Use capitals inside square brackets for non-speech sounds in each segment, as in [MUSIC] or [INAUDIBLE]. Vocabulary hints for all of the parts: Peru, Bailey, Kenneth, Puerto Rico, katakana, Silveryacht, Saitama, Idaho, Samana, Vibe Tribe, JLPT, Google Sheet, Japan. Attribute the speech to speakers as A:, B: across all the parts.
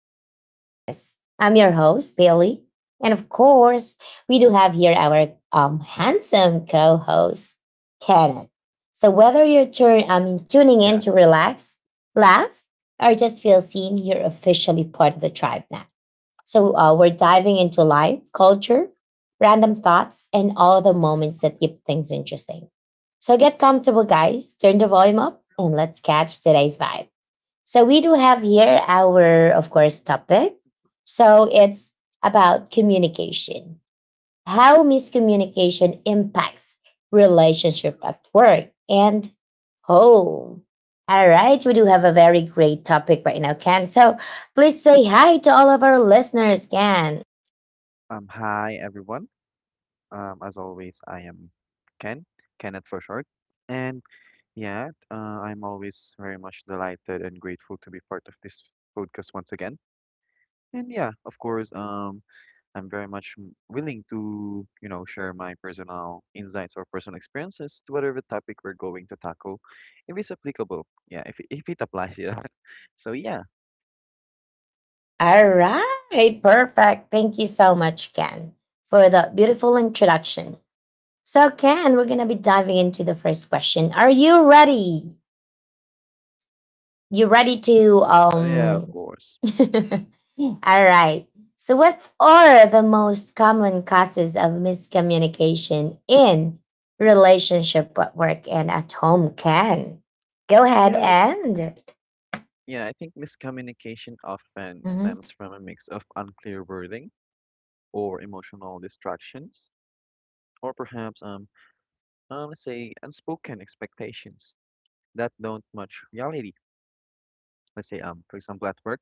A: the vibes never miss. I'm your host, Bailey. And of course, we do have here our handsome co host, Kenneth. So, whether you're tuning in
B: Yeah.
A: to relax, laugh, or just feel seen, you're officially part of the tribe now. So we're diving into life, culture, random thoughts, and all the moments that keep things interesting. So get comfortable, guys. Turn the volume up and let's catch today's vibe. So we do have here our, of course, topic. So it's about communication, how miscommunication impacts relationship at work and home. All right, we do have a very great topic right now, Ken. So please say hi to all of our listeners, Ken.
B: Hi everyone. As always, I am Ken, Kenneth for short. And yeah, I'm always very much delighted and grateful to be part of this podcast once again. And yeah, of course, I'm very much willing to, you know, share my personal insights or personal experiences to whatever topic we're going to tackle, if it's applicable. Yeah, if it applies, yeah. [LAUGHS] So yeah,
A: All right, perfect. Thank you so much, Ken, for the beautiful introduction. So, Ken, we're gonna be diving into the first question. Are you ready? You ready to?
B: Yeah, of course.
A: [LAUGHS] All right. So, what are the most common causes of miscommunication in relationship at work and at home? Can go ahead
B: Yeah.
A: and.
B: Yeah, I think miscommunication often
A: Hmm
B: stems from a mix of unclear wording or emotional distractions, or perhaps, let's say, unspoken expectations that don't match reality. Let's say, for example, at work,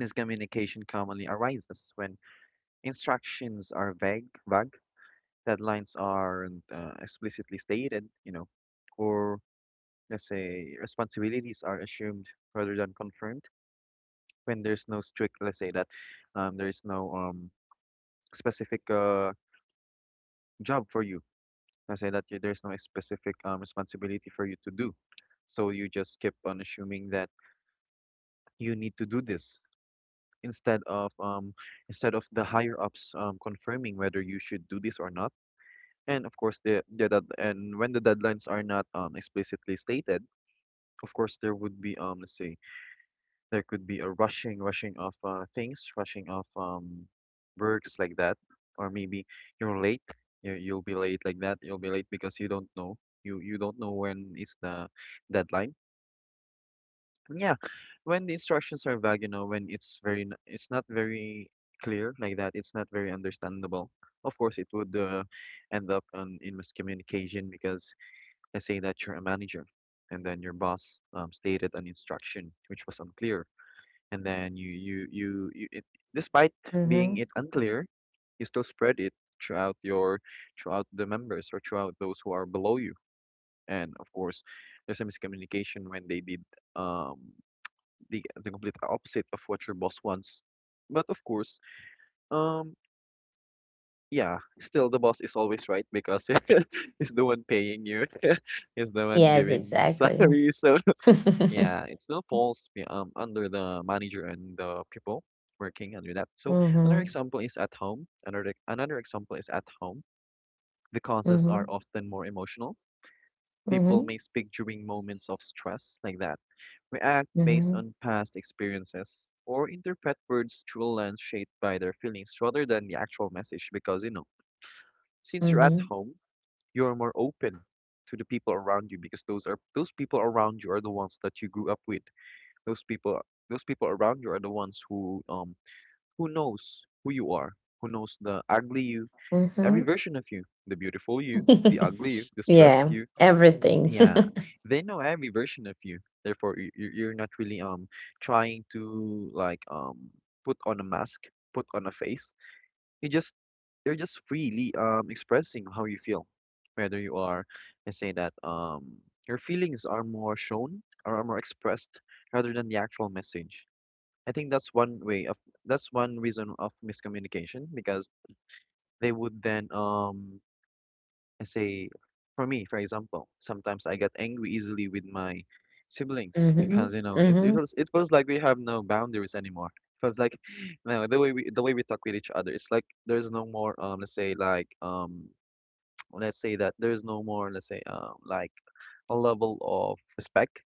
B: miscommunication commonly arises when instructions are vague, deadlines aren't explicitly stated, you know, or let's say responsibilities are assumed rather than confirmed when there's no strict, let's say that there is no specific job for you. I say that you, there's no specific responsibility for you to do. So you just keep on assuming that you need to do this instead of the higher ups confirming whether you should do this or not. And of course, the dead- and when the deadlines are not explicitly stated, of course there would be let's say there could be a rushing of things, rushing of works like that, or maybe you're late. You'll be late like that. You'll be late because you don't know. You don't know when is the deadline. And yeah, when the instructions are vague, you know, when it's very, it's not very clear like that. It's not very understandable. Of course, it would end up in miscommunication because let's say that you're a manager, and then your boss stated an instruction which was unclear, and then despite being
A: hmm
B: it unclear, you still spread it throughout your throughout the members or throughout those who are below you, and of course there's a miscommunication when they did um the complete opposite of what your boss wants. But of course, um yeah, still the boss is always right because [LAUGHS] he's the one paying you, [LAUGHS] he's the one
A: Yes,
B: giving [LAUGHS]
A: exactly.
B: salary. So
A: [LAUGHS] hmm
B: yeah, it still falls under the manager and the people working under that. So another
A: hmm
B: example is at home. Another example is at home. The causes are
A: hmm
B: often more emotional. People may speak during moments of stress like that, react based
A: hmm
B: on past experiences, or interpret words through a lens shaped by their feelings rather than the actual message. Because you know, since you're at home, you're more open to the people around you, because those people around you are the ones that you grew up with. Those people those people around you are the ones who knows who you are, who knows the ugly you,
A: hmm
B: every
A: hmm
B: version of you, the beautiful you, the
A: [LAUGHS]
B: ugly you, the stressed
A: Yeah,
B: you.
A: everything. [LAUGHS]
B: Yeah, they know every version of you. Therefore, you're not really trying to like put on a mask, put on a face. You just you're just freely expressing how you feel, whether you are, let's say that your feelings are more shown or are more expressed rather than the actual message. I think that's one way of, that's one reason of miscommunication, because they would then I say, for me for example, sometimes I get angry easily with my siblings
A: hmm hmm
B: because, you know, it's it
A: hmm
B: feels it feels like we have no boundaries anymore. It feels like [SIGHS] no, the way we talk with each other, it's like there's no more let's say like [TSK] let's say that there's no more, let's say like a level of respect.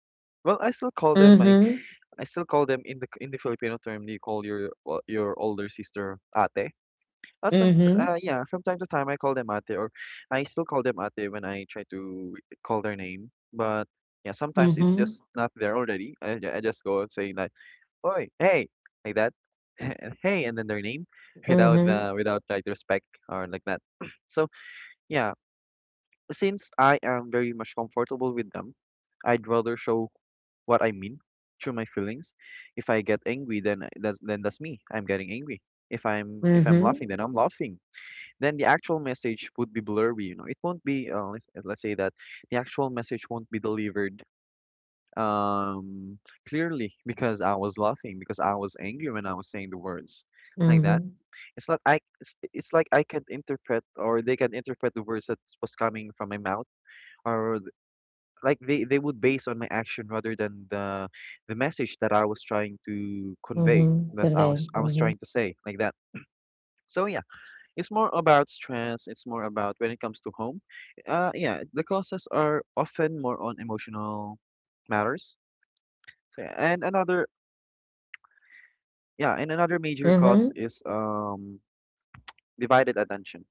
B: Well,
A: hmm
B: I still call them in the Filipino term, you call your your older sister ate. At some
A: hmm
B: yeah, from time to time I call them ate, or I still call them ate when I try to call their name. But yeah, sometimes it's just not there already. I just go and saying like, "Oi, hey," like that. [LAUGHS] And hey, and then their name, without
A: hmm
B: without like respect or like that. [CLEARS THROAT] So yeah, since I am very much comfortable with them, I'd rather show what I mean through my feelings. If I get angry, then that's then that's me. I'm getting angry. If I'm
A: hmm
B: laughing, then I'm laughing. Then the actual message would be blurry. You know, it won't be. Let's say that the actual message won't be delivered um clearly, because I was laughing, because I was angry when I was saying the words like that.
A: hmm
B: It's not I. It's like I can interpret or they can interpret the words that was coming from my mouth, or like they would base on my action rather than the message that I was trying to convey,
A: Mhm.
B: that I was
A: Delay.
B: I was
A: Mhm.
B: trying to say like that. So yeah, it's more about stress. It's more about, when it comes to home, yeah, the causes are often more on emotional matters. So yeah. and another Yeah, and another major cause
A: Mhm.
B: is divided attention.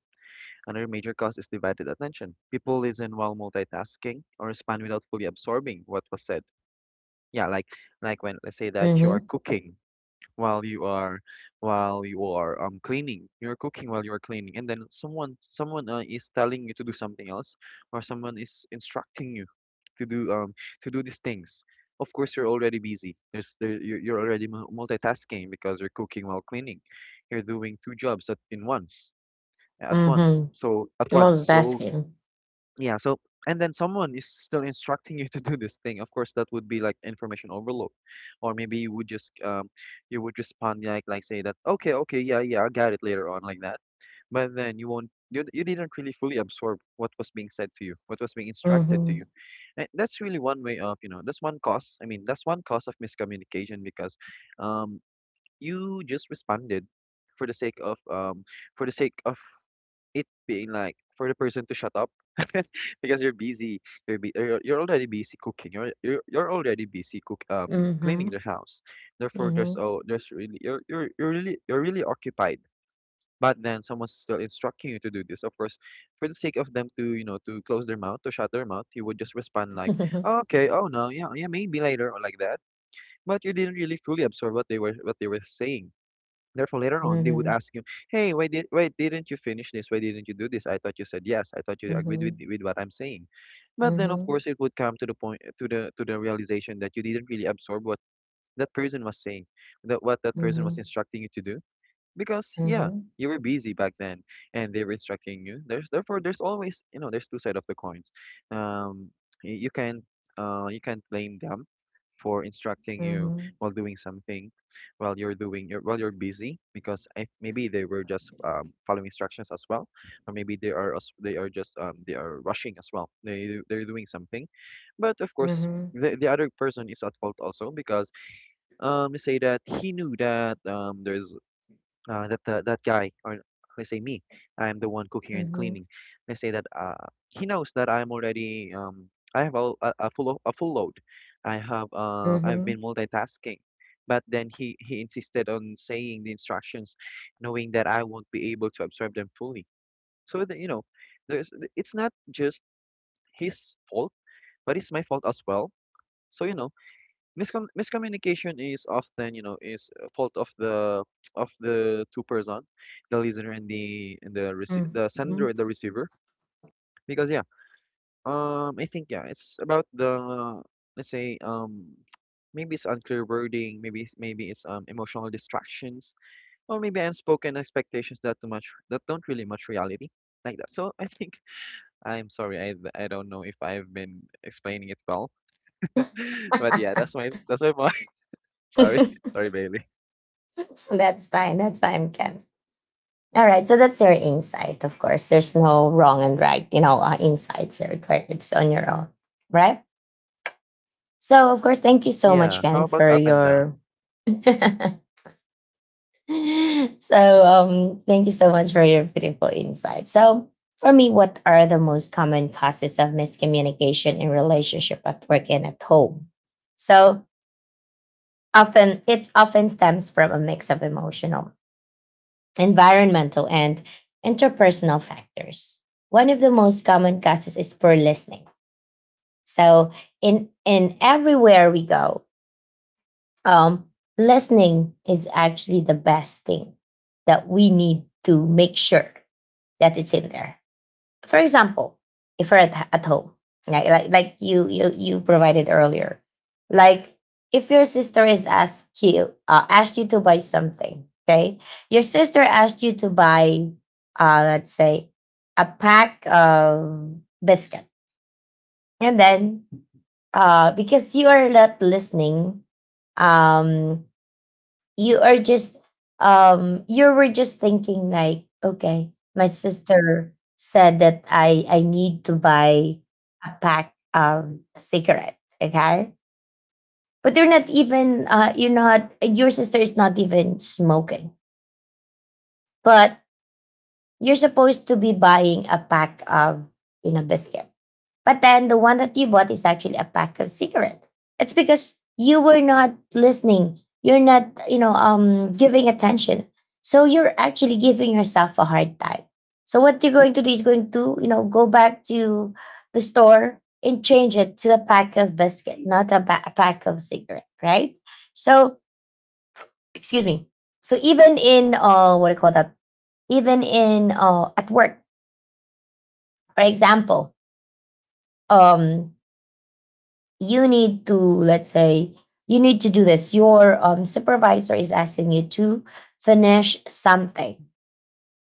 B: Another major cause is divided attention. People listen while multitasking, or respond without fully absorbing what was said. Yeah, like when, let's say that you are
A: Mhm.
B: cooking while you are, while you are cleaning, you're cooking while you're cleaning, and then someone is telling you to do something else, or someone is instructing you to do um to do these things. Of course you're already busy. You're already multitasking because you're cooking while cleaning. You're doing two jobs at in once,
A: Mhm.
B: at once. So
A: Multitasking.
B: yeah. So, and then someone is still instructing [LAUGHS] you to do this thing. Of course, that would be like information overload, or maybe you would just you would respond like say that, okay, okay, yeah, yeah, I got it later on, like that. But then you won't, you didn't really fully absorb what was being said to you, what was being instructed to you.
A: Mhm.
B: And that's really one way of, you know, that's one cause. I mean, that's one cause of miscommunication, because um you just responded for the sake of for the sake of it being like, for the person to shut up, [LAUGHS] because you're busy. You're already busy cooking. You're already busy cook cleaning the
A: Mhm.
B: house. Therefore, there's
A: Mhm.
B: oh there's really you're really, you're really occupied. But then someone's still instructing you to do this. Of course, for the sake of them to, you know, to close their mouth, to shut their mouth, you would just respond like, oh, okay, oh no, yeah, yeah, maybe later, or like that. But you didn't really fully absorb what they were saying. Therefore, later on, they would
A: Mhm.
B: ask you, "Hey, why didn't you finish this? Why didn't you do this? I thought you said yes. I thought you agreed with
A: Mhm.
B: what I'm saying." But then, of
A: Mhm.
B: course, it would come to the point, to the realization that you didn't really absorb what that person was saying, that what that person was
A: Mhm.
B: instructing you to do, because yeah,
A: Mhm.
B: you were busy back then, and they were instructing you. There's therefore there's always, you know, there's two sides of the coins. Um, you can, you can't blame them for instructing you
A: Mhm.
B: while doing something, while you're busy, because I, maybe they were just following instructions as well, or maybe they they are just they are rushing as well. They're doing something. But of course,
A: Mhm.
B: the other person is at fault also, because say that he knew that there's that guy, or let's say me, I'm the one cooking and
A: Mhm.
B: cleaning. Let's say that he knows that I'm already I have a full a full load. I have I've
A: Mhm.
B: been multitasking, but then he insisted on saying the instructions, knowing that I won't be able to observe them fully. So that, you know, there's, it's not just his fault, but it's my fault as well. So you know, miscommunication is often, you know, is a fault of the, of the two person, the listener and the, and the the sender and
A: Mhm.
B: the receiver. Because yeah, I think yeah, it's about the let's say [TSK] maybe it's unclear wording, maybe it's emotional distractions, or maybe unspoken expectations that too much that don't really much reality like that. So I think [LAUGHS] I'm sorry, I don't know if I've been explaining it well, [LAUGHS] but yeah, that's my point. [LAUGHS] Sorry,
A: [LAUGHS] [LAUGHS]
B: sorry, Bailey.
A: That's fine. That's fine, Ken. All right. So that's your insight. Of course, there's no wrong and right. You know, insights are correct. It's on your own, right? So, of course, thank you so much,
B: Yeah. How
A: Ken,
B: about
A: for
B: up and down?
A: your [LAUGHS] [LAUGHS] so thank you so much for your beautiful insight. So for me, what are the most common causes of miscommunication in relationship at work and at home? So often it often stems from a mix of emotional, environmental and interpersonal factors. One of the most common causes is poor listening. So in everywhere we go, um, listening is actually the best thing that we need to make sure that it's in there. For example, if we are at home, like, like you provided earlier, like if your sister is asked you to buy something, okay, your sister asked you to buy, let's say, a pack of biscuit, and then because you are not listening, um, you are just you were just thinking like, okay, my sister said that I need to buy a pack of cigarette, okay, but they're not even you're not, your sister is not even smoking, but you're supposed to be buying a pack of, you know, biscuit. But then the one that you bought is actually a pack of cigarette. It's because you were not listening. You're not, you know, giving attention. So you're actually giving yourself a hard time. So what you're going to do is going to, you know, go back to the store and change it to a pack of biscuit, not a, a pack of cigarette, right? So, excuse me. So even in, what do you call that? Even in, at work, for example, um, you need to, let's say, you need to do this, your supervisor is asking you to finish something,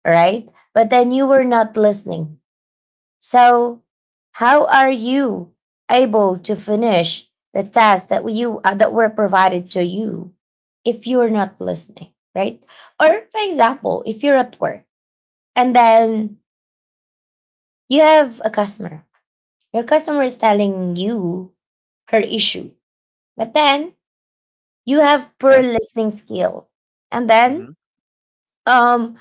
A: right? But then you were not listening. So how are you able to finish the tasks that you that were provided to you if you're not listening, right? Or for example, if you're at work and then you have a customer, your customer is telling you her issue, but then you have poor
B: Yeah.
A: listening skill. And then
B: Mm-hmm.
A: um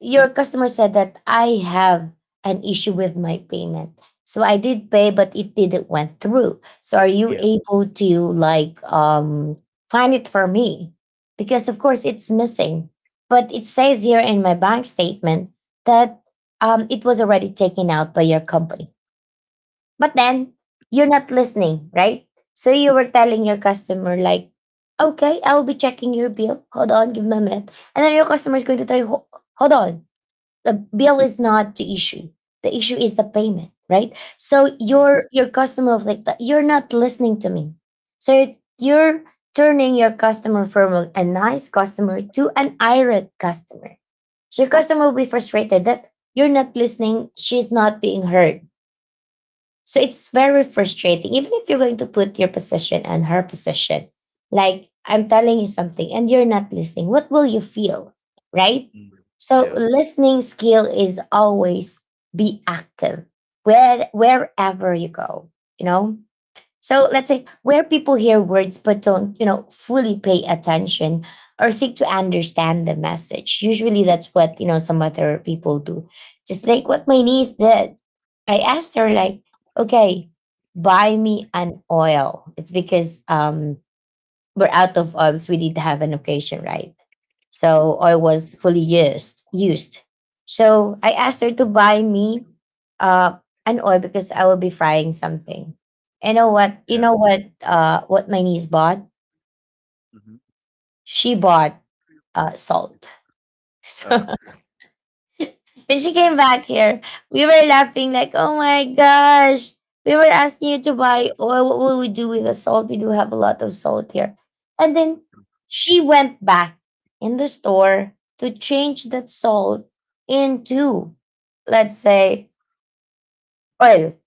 A: your customer said that, I have an issue with my payment. So I did pay but it didn't went through. So are you
B: Yeah.
A: able to, like, find it for me? Because of course it's missing. But it says here in my bank statement that it was already taken out by your company. But then you're not listening, right? So you were telling your customer like, "Okay, I will be checking your bill. Hold on, give me a minute." And then your customer is going to tell you, "Hold on, the bill is not the issue. The issue is the payment, right?" So
B: Oh yeah.
A: your customer of like that, you're not listening to me. So it- you're turning your customer from a nice customer to an irate customer. So your customer will be frustrated that you're not listening. She's not being heard, so it's very frustrating, even if you're going to put your position and her position. Like, I'm telling you something and you're not listening. What will you feel? Right?
B: Mm.
A: So
B: Yeah.
A: listening skill is always be active where wherever you go, you know? So let's say where people hear words but don't, you know, fully pay attention or seek to understand the message. Usually that's what, you know, some other people do. Just like what my niece did. I asked her like, okay, buy me an oil. It's because we're out of oils. We did have an occasion, right? So oil was fully used. Used. So I
B: hmm
A: asked her to buy me uh an oil because I will be frying something. You know what? You
B: Yeah.
A: know what? What my niece bought?
B: Mm-hmm.
A: She bought salt. [LAUGHS]
B: Uh.
A: So when she came back here, we were laughing like, oh my gosh. We were asking you to buy oil. What will we do with the salt? We do have a lot of salt here. And then she went back in the store to change that salt into, let's say, oil.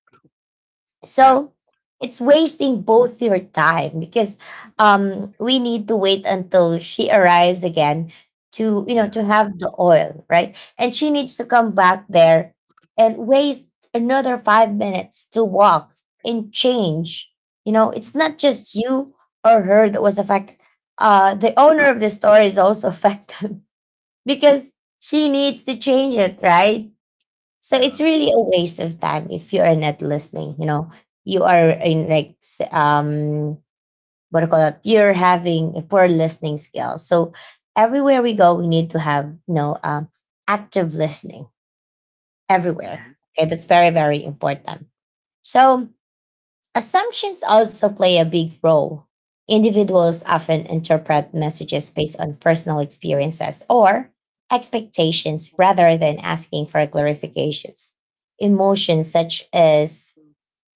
B: Yeah.
A: So it's wasting both your time because we need to wait until she arrives again to, you know,
B: Yeah.
A: to have the oil, right? And she needs to come back there and waste another five minutes to walk and change. You know, it's
B: Mm-hmm.
A: not just you or her that was affected. The owner of the store is also [LAUGHS] affected because she needs to change it, right? So
B: Yeah.
A: it's really a waste of time if you are not listening. You know, you are in like what do you call it? You're having a poor listening skill. So everywhere we go, we need to have, you know, active listening everywhere.
B: Mm-hmm.
A: Okay, that's very very important. So assumptions also play a big role. Individuals often interpret messages based on personal experiences or expectations rather than asking for clarifications. Emotions such as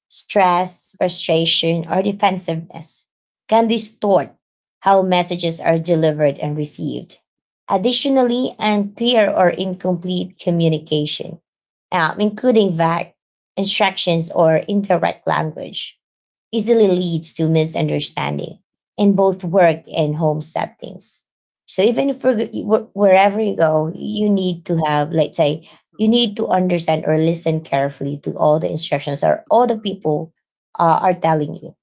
A: stress, frustration, or defensiveness can distort how messages are delivered and received. Additionally, unclear or incomplete communication, including vague instructions or indirect language easily leads to misunderstanding in both work and home settings. So even if we're, wherever you go, you need to have, let's say, you need to understand or listen carefully to all the instructions or all the people are telling you,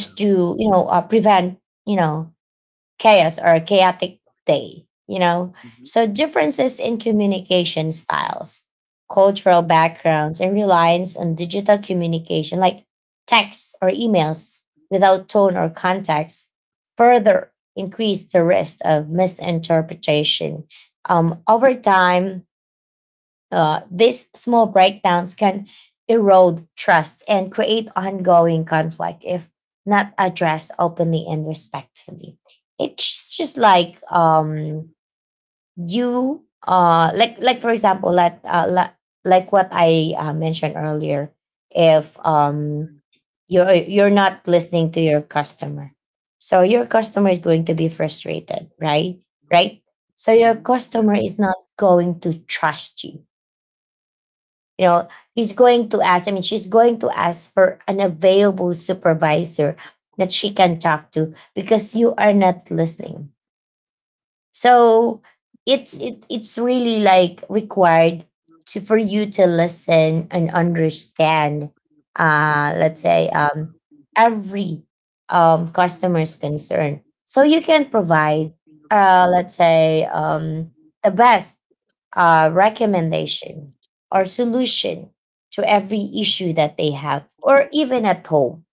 B: Yeah.
A: to, you know, prevent, you know, chaos or chaotic day, you know?
B: Mm-hmm.
A: So, differences in communication styles, cultural backgrounds, and reliance on digital communication like texts or emails without tone or context further increase the risk of misinterpretation. Over time, these small breakdowns can erode trust and create ongoing conflict if not addressed openly and respectfully. It's just like you, for example, what I mentioned earlier. If you're you're not listening to your customer, so your customer is going to be frustrated, right? Right. So your
B: Mm-hmm. Yeah.
A: customer is not going to trust you, you know, he's going to ask I mean she's going to ask for an available supervisor that she can talk to because you are not listening. So it's really like required to for you to listen and understand, let's say, every customer's concern, so you can provide, let's say, the best, recommendation or solution to every issue that they have, or even at home,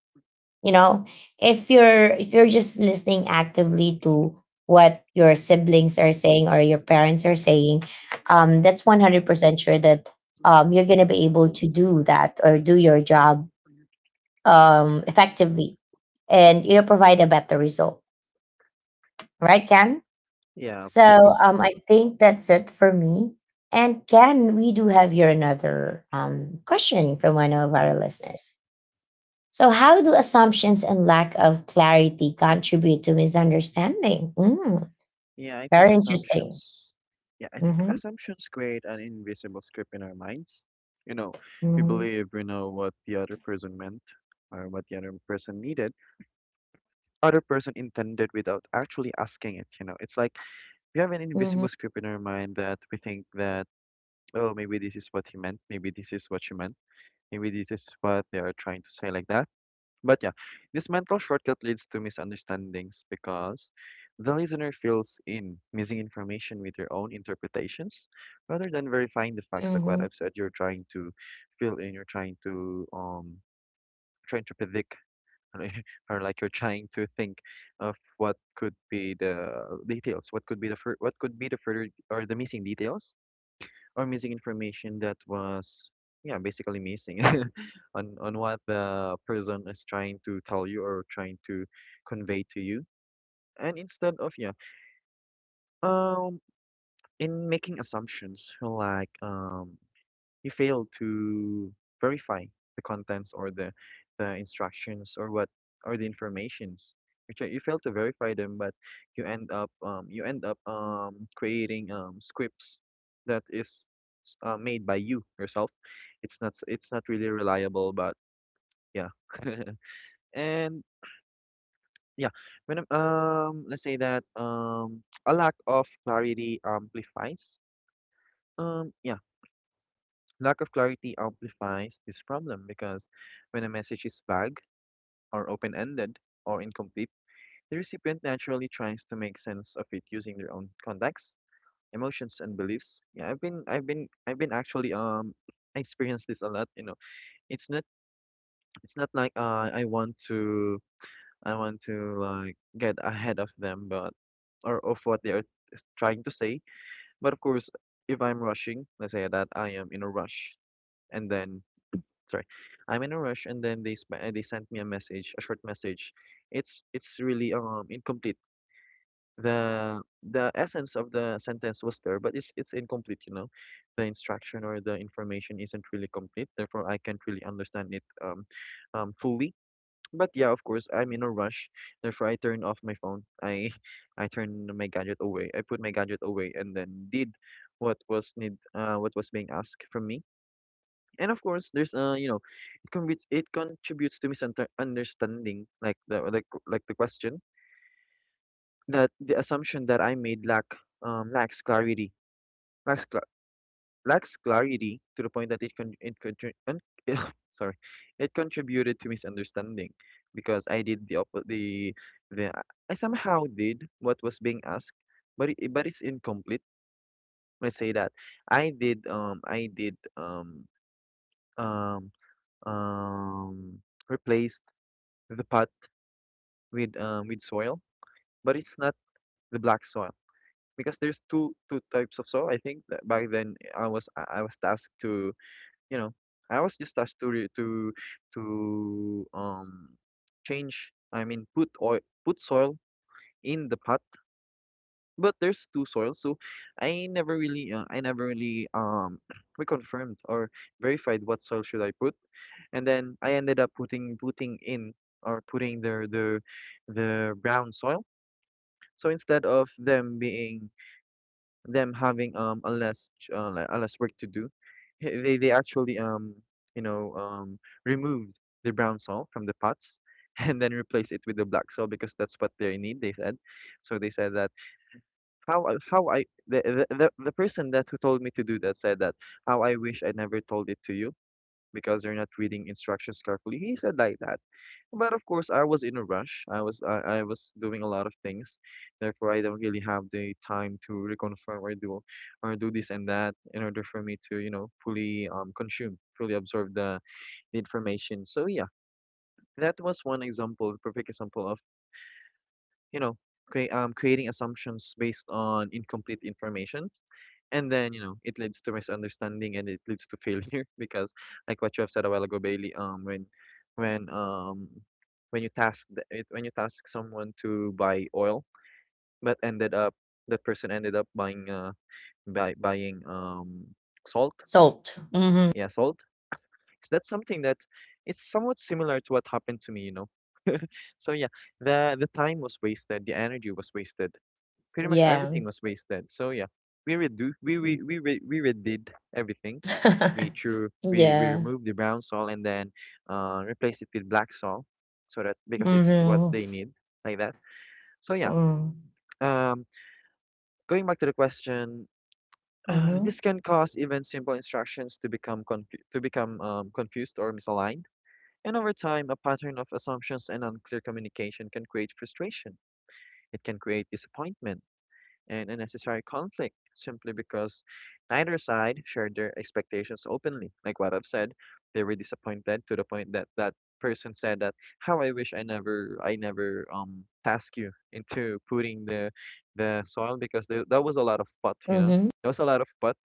A: you know, if you're just listening actively to what your siblings are saying or your parents are saying, that's 100% sure that you're going to be able to do that or do your job, effectively, and you know, provide a better result, right, Ken?
B: Yeah, of
A: So
B: course.
A: I think that's it for me. And Ken, we do have here another question from one of our
B: Mm-hmm.
A: listeners. So, how do assumptions and lack of clarity contribute to misunderstanding? Mm,
B: Yeah, I think
A: very interesting.
B: assumptions. Yeah, I think
A: Mm-hmm,
B: assumptions create an invisible script in our minds. You know, we
A: mm-hmm,
B: believe we know what the other person meant or what the other person needed, other person intended without actually asking it. You know, it's like we have an
A: mm-hmm,
B: invisible script in our mind that we think that. Oh, maybe this is what he meant, maybe this is what she meant, maybe this is what they are trying to say, like that. But yeah, this mental shortcut leads to misunderstandings because the listener fills in missing information with their own interpretations rather than verifying the facts, like what
A: mm-hmm.
B: I've said. You're trying to fill in, you're trying to trying to predict [LAUGHS] or like you're trying to think of what could be the details, what could be the further or the missing details or missing information that was yeah basically missing [LAUGHS] on what the person is trying to tell you or trying to convey to you and instead of um in making assumptions you fail to verify the contents or the instructions or what or the informations which you fail to verify them but you end up creating scripts that is made by you yourself. It's not really reliable, but yeah. [LAUGHS] And yeah, let's say that [TSK] a lack of clarity amplifies um yeah, lack of clarity amplifies this problem because when a message is vague or open-ended or incomplete, the recipient naturally tries to make sense of it using their own context, emotions and beliefs. Yeah, I've been actually I experienced this a lot, you know. It's not It's not like I want to like get ahead of them, but or of what they are trying to say. But of course, if I'm rushing, let's say that I am in a rush, and then sorry, I'm in a rush, and then they sent me a message, a short message. It's really incomplete. The essence of the sentence was there, but it's incomplete. You know, the instruction or the information isn't really complete. Therefore, I can't really understand it fully but yeah, of course, I'm in a rush. Therefore, I turn off my phone. I [LAUGHS] I turn my gadget away. I put my gadget away and then did what was being asked from me. And of course, there's you know, it contributes to misunderstanding understanding like the question that the assumption that I made lacks clarity. Lacks cla Lacks clarity to the point that it con- it contri- un- [LAUGHS] sorry, it contributed to misunderstanding because I did the op- the the I somehow did what was being asked, but it's incomplete. Let's say that I did um um replaced the pot with soil, but it's not the black soil because there's two types of soil. I think that back then I was tasked to you know, I was just asked to re- to um change. I mean, put oil, put soil in the pot. But there's two soils, so I never really [CLEARS THROAT] reconfirmed or verified what soil should I put. And then I ended up putting putting in or putting the brown soil. So instead of them being them having a like a less work to do, they actually you know removed the brown soil from the pots [LAUGHS] and then replace it with the black soil because that's what they need. They said, so they said that how I the person that who told me to do that said that how I wish I never told it to you because you're not reading instructions carefully. He said like that. But of course, I was in a rush. I was doing a lot of things, therefore I don't really have the time to reconfirm or do this and that in order for me to you know fully fully absorb the information. So yeah, that was one example, perfect example of you know creating assumptions based on incomplete information and then, you know, it leads to misunderstanding and it leads to failure [LAUGHS] because like what you have said a while ago, Bailey, when um when you task the- it when you task someone to buy oil but ended up that person ended up buying salt.
A: Salt. Mm-hmm.
B: Yeah, salt. So that's something that it's somewhat similar to what happened to me, you know. So yeah, the time was wasted, the energy was wasted. Pretty much everything
A: Yeah.
B: was wasted. So yeah, we redid everything. we
A: [LAUGHS]
B: threw we we
A: Yeah.
B: removed the brown salt and then replaced it with black salt so that because it's what
A: Mm-hmm.
B: they need like that. So yeah,
A: Mm-hmm.
B: um going back to the question [SIGHS] this can cause even simple instructions to to become confused or misaligned, and over time a pattern of assumptions and unclear communication can create frustration, it can create disappointment and unnecessary conflict simply because neither side shared their expectations openly. Like what I've said, they were disappointed to the point that that person said that how I wish I never task you into putting the soil because there, that was a lot of pot, you know.
A: Mm-hmm.
B: There was a lot of pot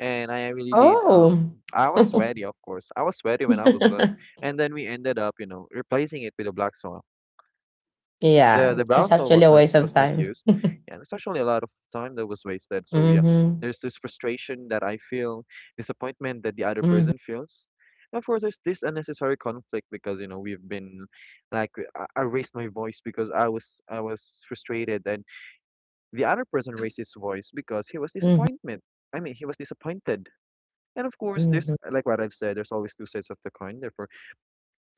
B: and I really did
A: Oh.
B: I was sweaty, of course. I was sweaty when I was done.
A: [LAUGHS]
B: And then we ended up, you know, replacing it with a black soil. the
A: Yeah,
B: the
A: it's
B: browser
A: actually a waste of
B: was not
A: time.
B: used,
A: [LAUGHS]
B: and it's actually a lot of time that was wasted. So yeah,
A: Mhm.
B: there's this frustration that I feel, disappointment that the other
A: Mhm.
B: person feels. Of course, there's this unnecessary conflict because you know we've been, like, I raised my voice because I was frustrated, and the other person raised his voice because he was
A: Mhm.
B: disappointment. I mean, he was disappointed. And of course, there's
A: Mhm.
B: like what I've said. There's always two sides of the coin. Therefore,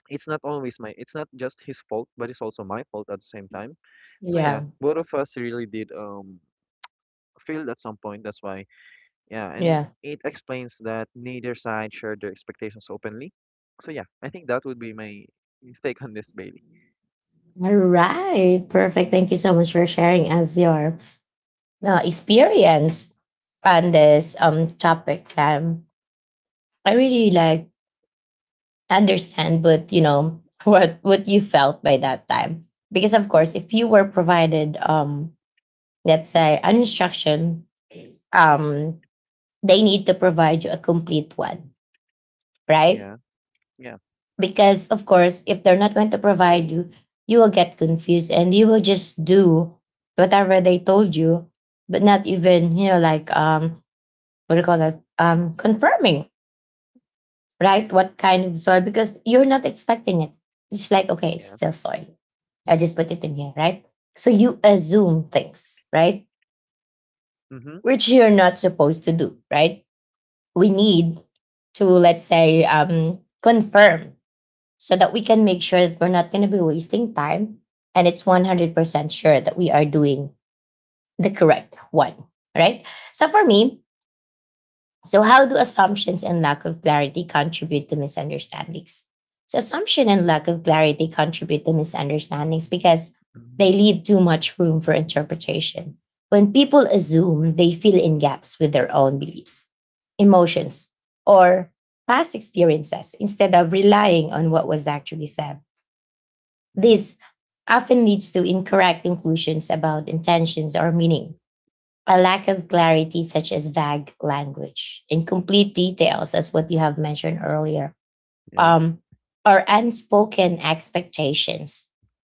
B: it's not just his fault but it's also my fault at the same time. So yeah,
A: Yeah.
B: both of us really did failed at some point. That's why yeah, and
A: Yeah.
B: it explains that neither side shared their expectations openly. So yeah, I think that would be my take on this, Bailey.
A: All right. Perfect. Thank you so much for sharing us your experience on this topic. I really like understand, but you know [LAUGHS] what you felt by that time, because of course, if you were provided let's say an instruction, um they need to provide you a complete one, right?
B: Yeah. Yeah.
A: Because of course, if they're not going to provide you, you will get confused and you will just do whatever they told you. But not even like what do you call that, confirming, right? What kind of soy, because you're not expecting it. It's like, okay, it's
B: Yeah.
A: still soy. I just put it in here, right? So you assume things, right?
B: Mm-hmm.
A: Which you're not supposed to do, right? We need to, let's say, confirm, so that we can make sure that we're not going to be wasting time, and it's 100% sure that we are doing the correct one, right? So for me, so how do assumptions and lack of clarity contribute to misunderstandings? So assumption and lack of clarity contribute to misunderstandings because they
B: Mm-hmm.
A: leave too much room for interpretation. When people assume, they fill in gaps with their own beliefs, emotions, or past experiences instead of relying on what was actually said.
B: Mm-hmm.
A: This often leads to incorrect conclusions about intentions or meaning. A lack of clarity, such as vague language, incomplete details, as what you have mentioned earlier,
B: Yeah.
A: um, or unspoken expectations,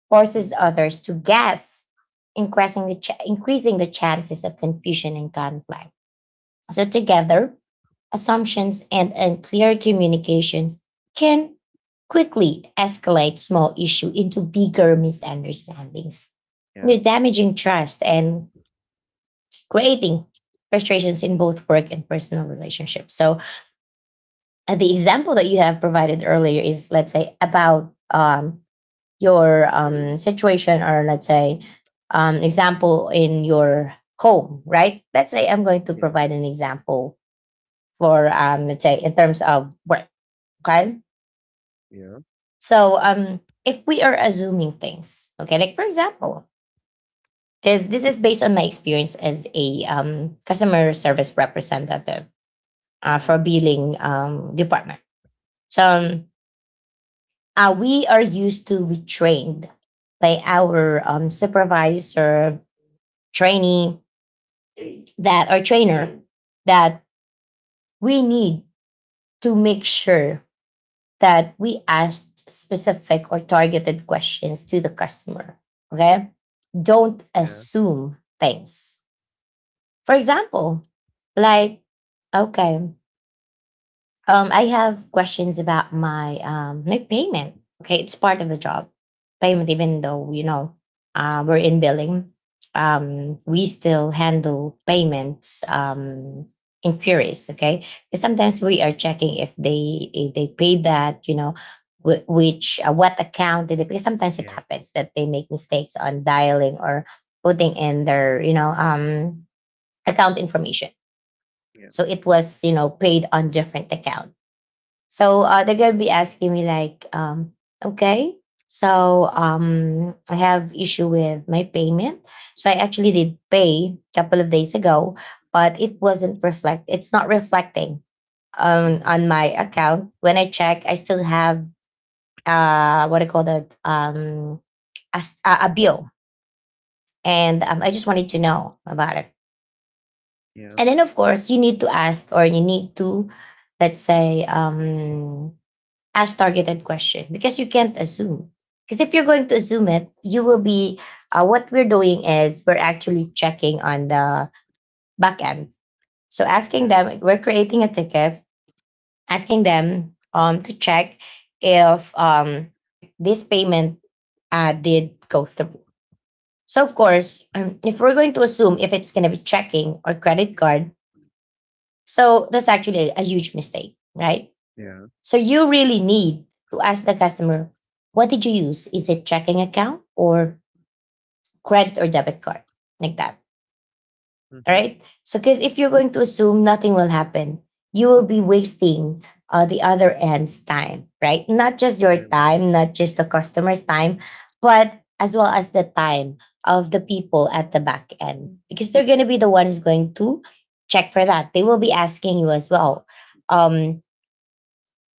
A: forces
B: Mm-hmm.
A: others to guess, increasing the chances of confusion and conflict. So, together, assumptions and unclear communication can quickly escalate small issue into bigger misunderstandings,
B: Yeah.
A: damaging trust and creating frustrations in both work and personal relationships. So, the example that you have provided earlier is, let's say, about, your, situation, or let's say, example in your home, right? Let's say I'm going to
B: Yeah.
A: provide an example for, let's say, in terms of work. Okay.
B: Yeah.
A: So, if we are assuming things, okay, like for example, this is based on my experience as a, customer service representative, for
B: Mm-hmm.
A: billing, department. So, we are used to be trained by our, supervisor, trainee that or trainer, that we need to make sure that we asked specific or targeted questions to the customer. Okay. Don't
B: Yeah.
A: assume things. For example, like, okay, I have questions about my, like payment. Okay, it's part of the job. Payment, even though, we're in billing, we still handle payments, inquiries. Okay, 'cause sometimes we are checking if they paid that. You know, wh- which what account did they pay? Sometimes it
B: Yeah.
A: happens that they make mistakes on dialing or putting in their, account information.
B: Yeah.
A: So it was, paid on different account. So, they're gonna be asking me like, okay, so, I have issue with my payment. So I actually did pay a couple of days ago, but it wasn't reflect. it's not reflecting on
B: Mm-hmm.
A: on my account. When I check, I still have, what I call that, a bill, and, I just wanted to know about it.
B: Yeah.
A: And then of course you need to ask, or you need to, let's say, ask targeted question, because you can't assume. Because if you're going to assume it, you will be. What we're doing is we're actually checking on the back end. So, asking
B: Yeah.
A: them, we're creating a ticket, asking them, to check if, this payment, did go through. So of course, if we're going to assume if it's going to be checking or credit card, so that's actually a huge mistake, right?
B: Yeah.
A: So you really need to ask the customer, what did you use? Is it checking account, or credit or debit card? Like that. All
B: Mm-hmm.
A: right. So, because if you're going to assume, nothing will happen. You will be wasting, the other end's time, right? Not just your
B: I agree.
A: time, not just the customer's time, but as well as the time of the people at the back end, because they're going to be the ones going to check for that. They will be asking you as well. Um,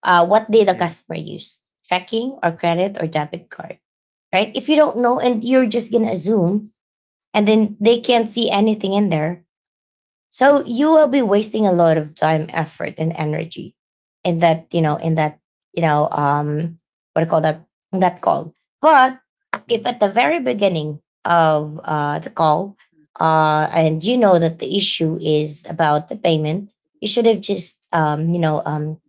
A: what did the
B: Yeah.
A: customer use? Checking, or credit or debit card, right? If you don't know and you're just going to assume, and then they can't see anything in there, so
B: Mm-hmm.
A: you will be wasting a lot of time, effort, and energy in that, you know,
B: Yeah.
A: in that, you know, um, what do you call that, that call. But if
B: Mm-hmm.
A: at the very beginning of, the call, and you know that the issue is about the payment, you should have just,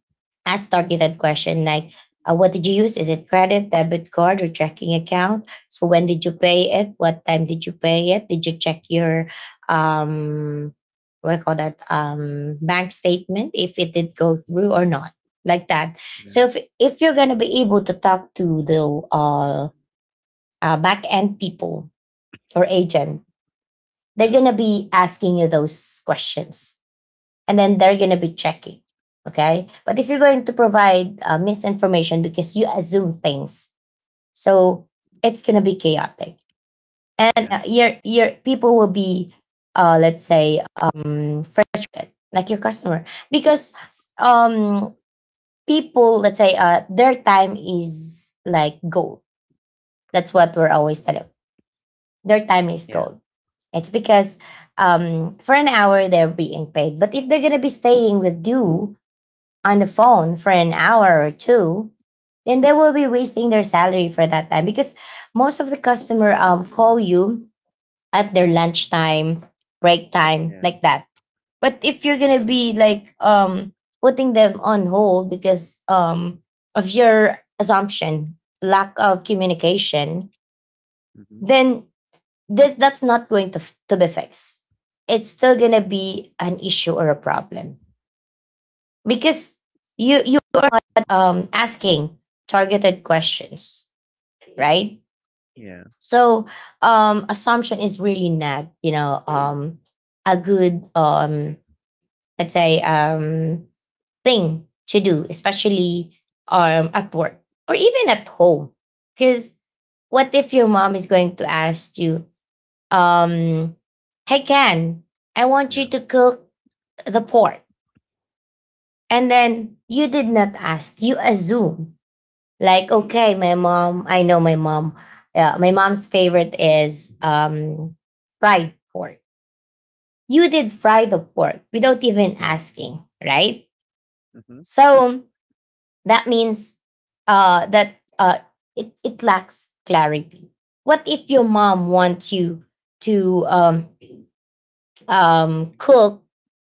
A: ask targeted question, like, what did you use? Is it credit, debit card, or checking account? So when did you pay it? What time did you pay it? Did you check your, um what do you call that, bank statement, if it did go through or not? Like that. So,
B: Yeah.
A: if you're going to be able to talk to the, uh, back end people or agent, they're
B: Yeah.
A: going to be asking you those questions, and then they're going to be checking. Okay. But if you're going to provide, misinformation because you assume things, so it's going to be chaotic. And,
B: Yeah.
A: your people will be, let's say, frustrated, like your customer, because, um, people, let's say, their time is like gold.
B: Of
A: That's what we're
B: course.
A: always telling. Their time is
B: Yeah,
A: gold. It's because, for an hour they're being paid, but if they're gonna be staying with you on the phone for an hour or two, then they will be wasting their salary for that time, because most of the customer, call you at their lunchtime, break time,
B: yeah.
A: like that. But if you're gonna
B: Mhm.
A: be like, putting them on hold because, of your assumption, lack of communication,
B: Mhm.
A: then, this that's not going to be fixed. It's still gonna be an issue or a problem, because you are not, asking targeted questions, right?
B: Yeah,
A: So, assumption is really not, a good, let's say, thing to do, especially, at work or even at home, because what if your mom is going to ask you, um hey Ken, I want you
B: yeah,
A: to cook the pork, and then you did not ask, you assume. Like, okay, my mom, I know my mom. Yeah, my mom's favorite is, fried pork. You did fry the pork without even
B: yeah.
A: asking, right?
B: Mhm.
A: So that means, that, it lacks clarity. What if your mom wants you to, cook,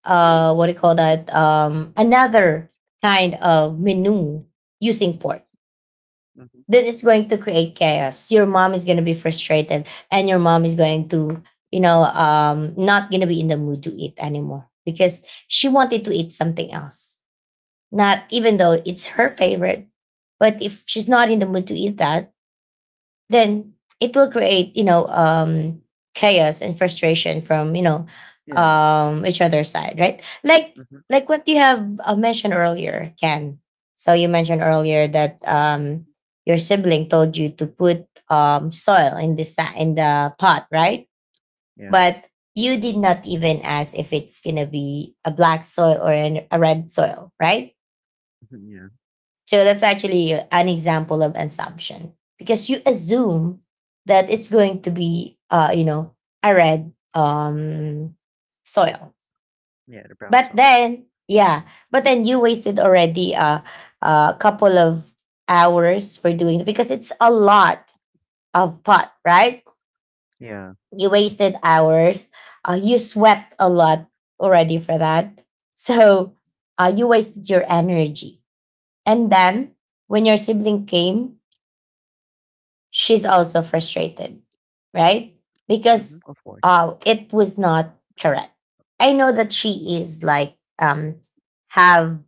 A: what do you call that, another kind of menu using pork?
B: Mhm.
A: Then it's going to create chaos. Your mom is going to be frustrated, and your mom is going to, not going to be in the mood to eat anymore, because she wanted to eat something else. Not even though it's her favorite, but if she's not in the mood to eat that, then it will create, chaos and frustration from,
B: Yeah.
A: each other's side, right, like
B: Mhm.
A: like what you have, mentioned earlier, Ken. So you mentioned earlier that, your sibling told you to put, soil in the pot, right?
B: Yeah.
A: But you did not even ask if it's gonna be a black soil, or, a red soil, right?
B: Mhm. Yeah.
A: So that's actually an example of assumption, because you assume that it's going to be, a red, soil.
B: Yeah, to
A: But
B: bounce off.
A: then, yeah, but then you wasted already, a couple of hours for doing it, because it's a lot of pot, right?
B: Yeah.
A: You wasted hours. You sweat a lot already for that. So, you wasted your energy. And then when your sibling came, she's also frustrated, right? Because,
B: Mhm. Of course.
A: it was not correct. I know that she is like, have,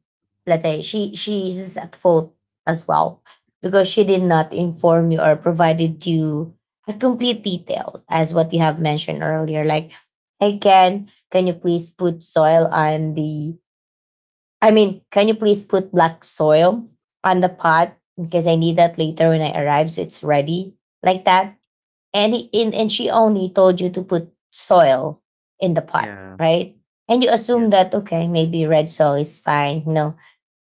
A: let's say, she is at fault as well, because she did not inform you or provided you a complete detail, as what you have mentioned earlier. Like, hey Ken, can you please put soil on the I mean, can you please put black soil on the pot, because I need that later when I arrive, so it's ready, like that. And she
B: Yeah.
A: only told you to put soil in the pot,
B: Yeah.
A: right? And you
B: Yeah.
A: assume that, okay, maybe red soil is fine. No,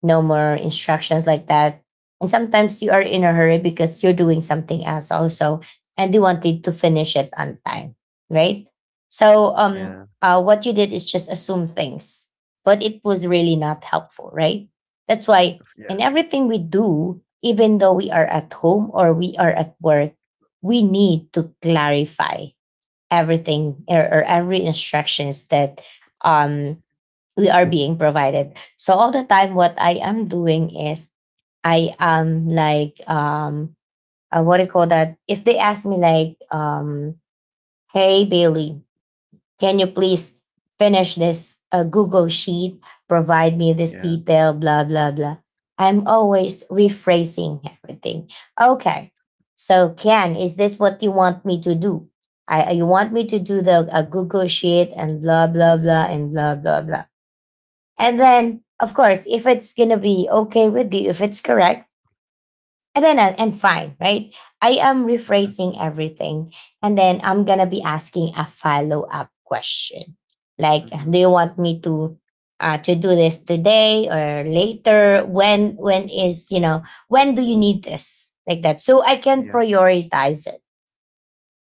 A: no more instructions, like that. And sometimes you are in a hurry because you're doing something else also, and you wanted to finish it on time, right? So,
B: Yeah.
A: what you did is just assume things, but it was really not helpful, right? That's why
B: Yeah,
A: in
B: true.
A: everything we do, even though we are at home or we are at work, we need to clarify everything, or every instructions that, um we are being provided. So all the time, what I am doing is, I am like, what do you call that? If they ask me like hey Bailey, can you please finish this Google sheet? Provide me this
B: Yeah.
A: detail, blah blah blah. I'm always rephrasing everything. Okay, so Ken, is this what you want me to do? I, you want me to do the Google sheet and blah blah blah and blah blah blah and then, of course, if it's going to be okay with you, if it's correct, and then I'm fine, right? I am rephrasing everything. And then I'm going to be asking a follow up question like,
B: Mhm.
A: do you want me to? To do this today or later when is when do you need this like that so I can
B: Yeah.
A: prioritize it,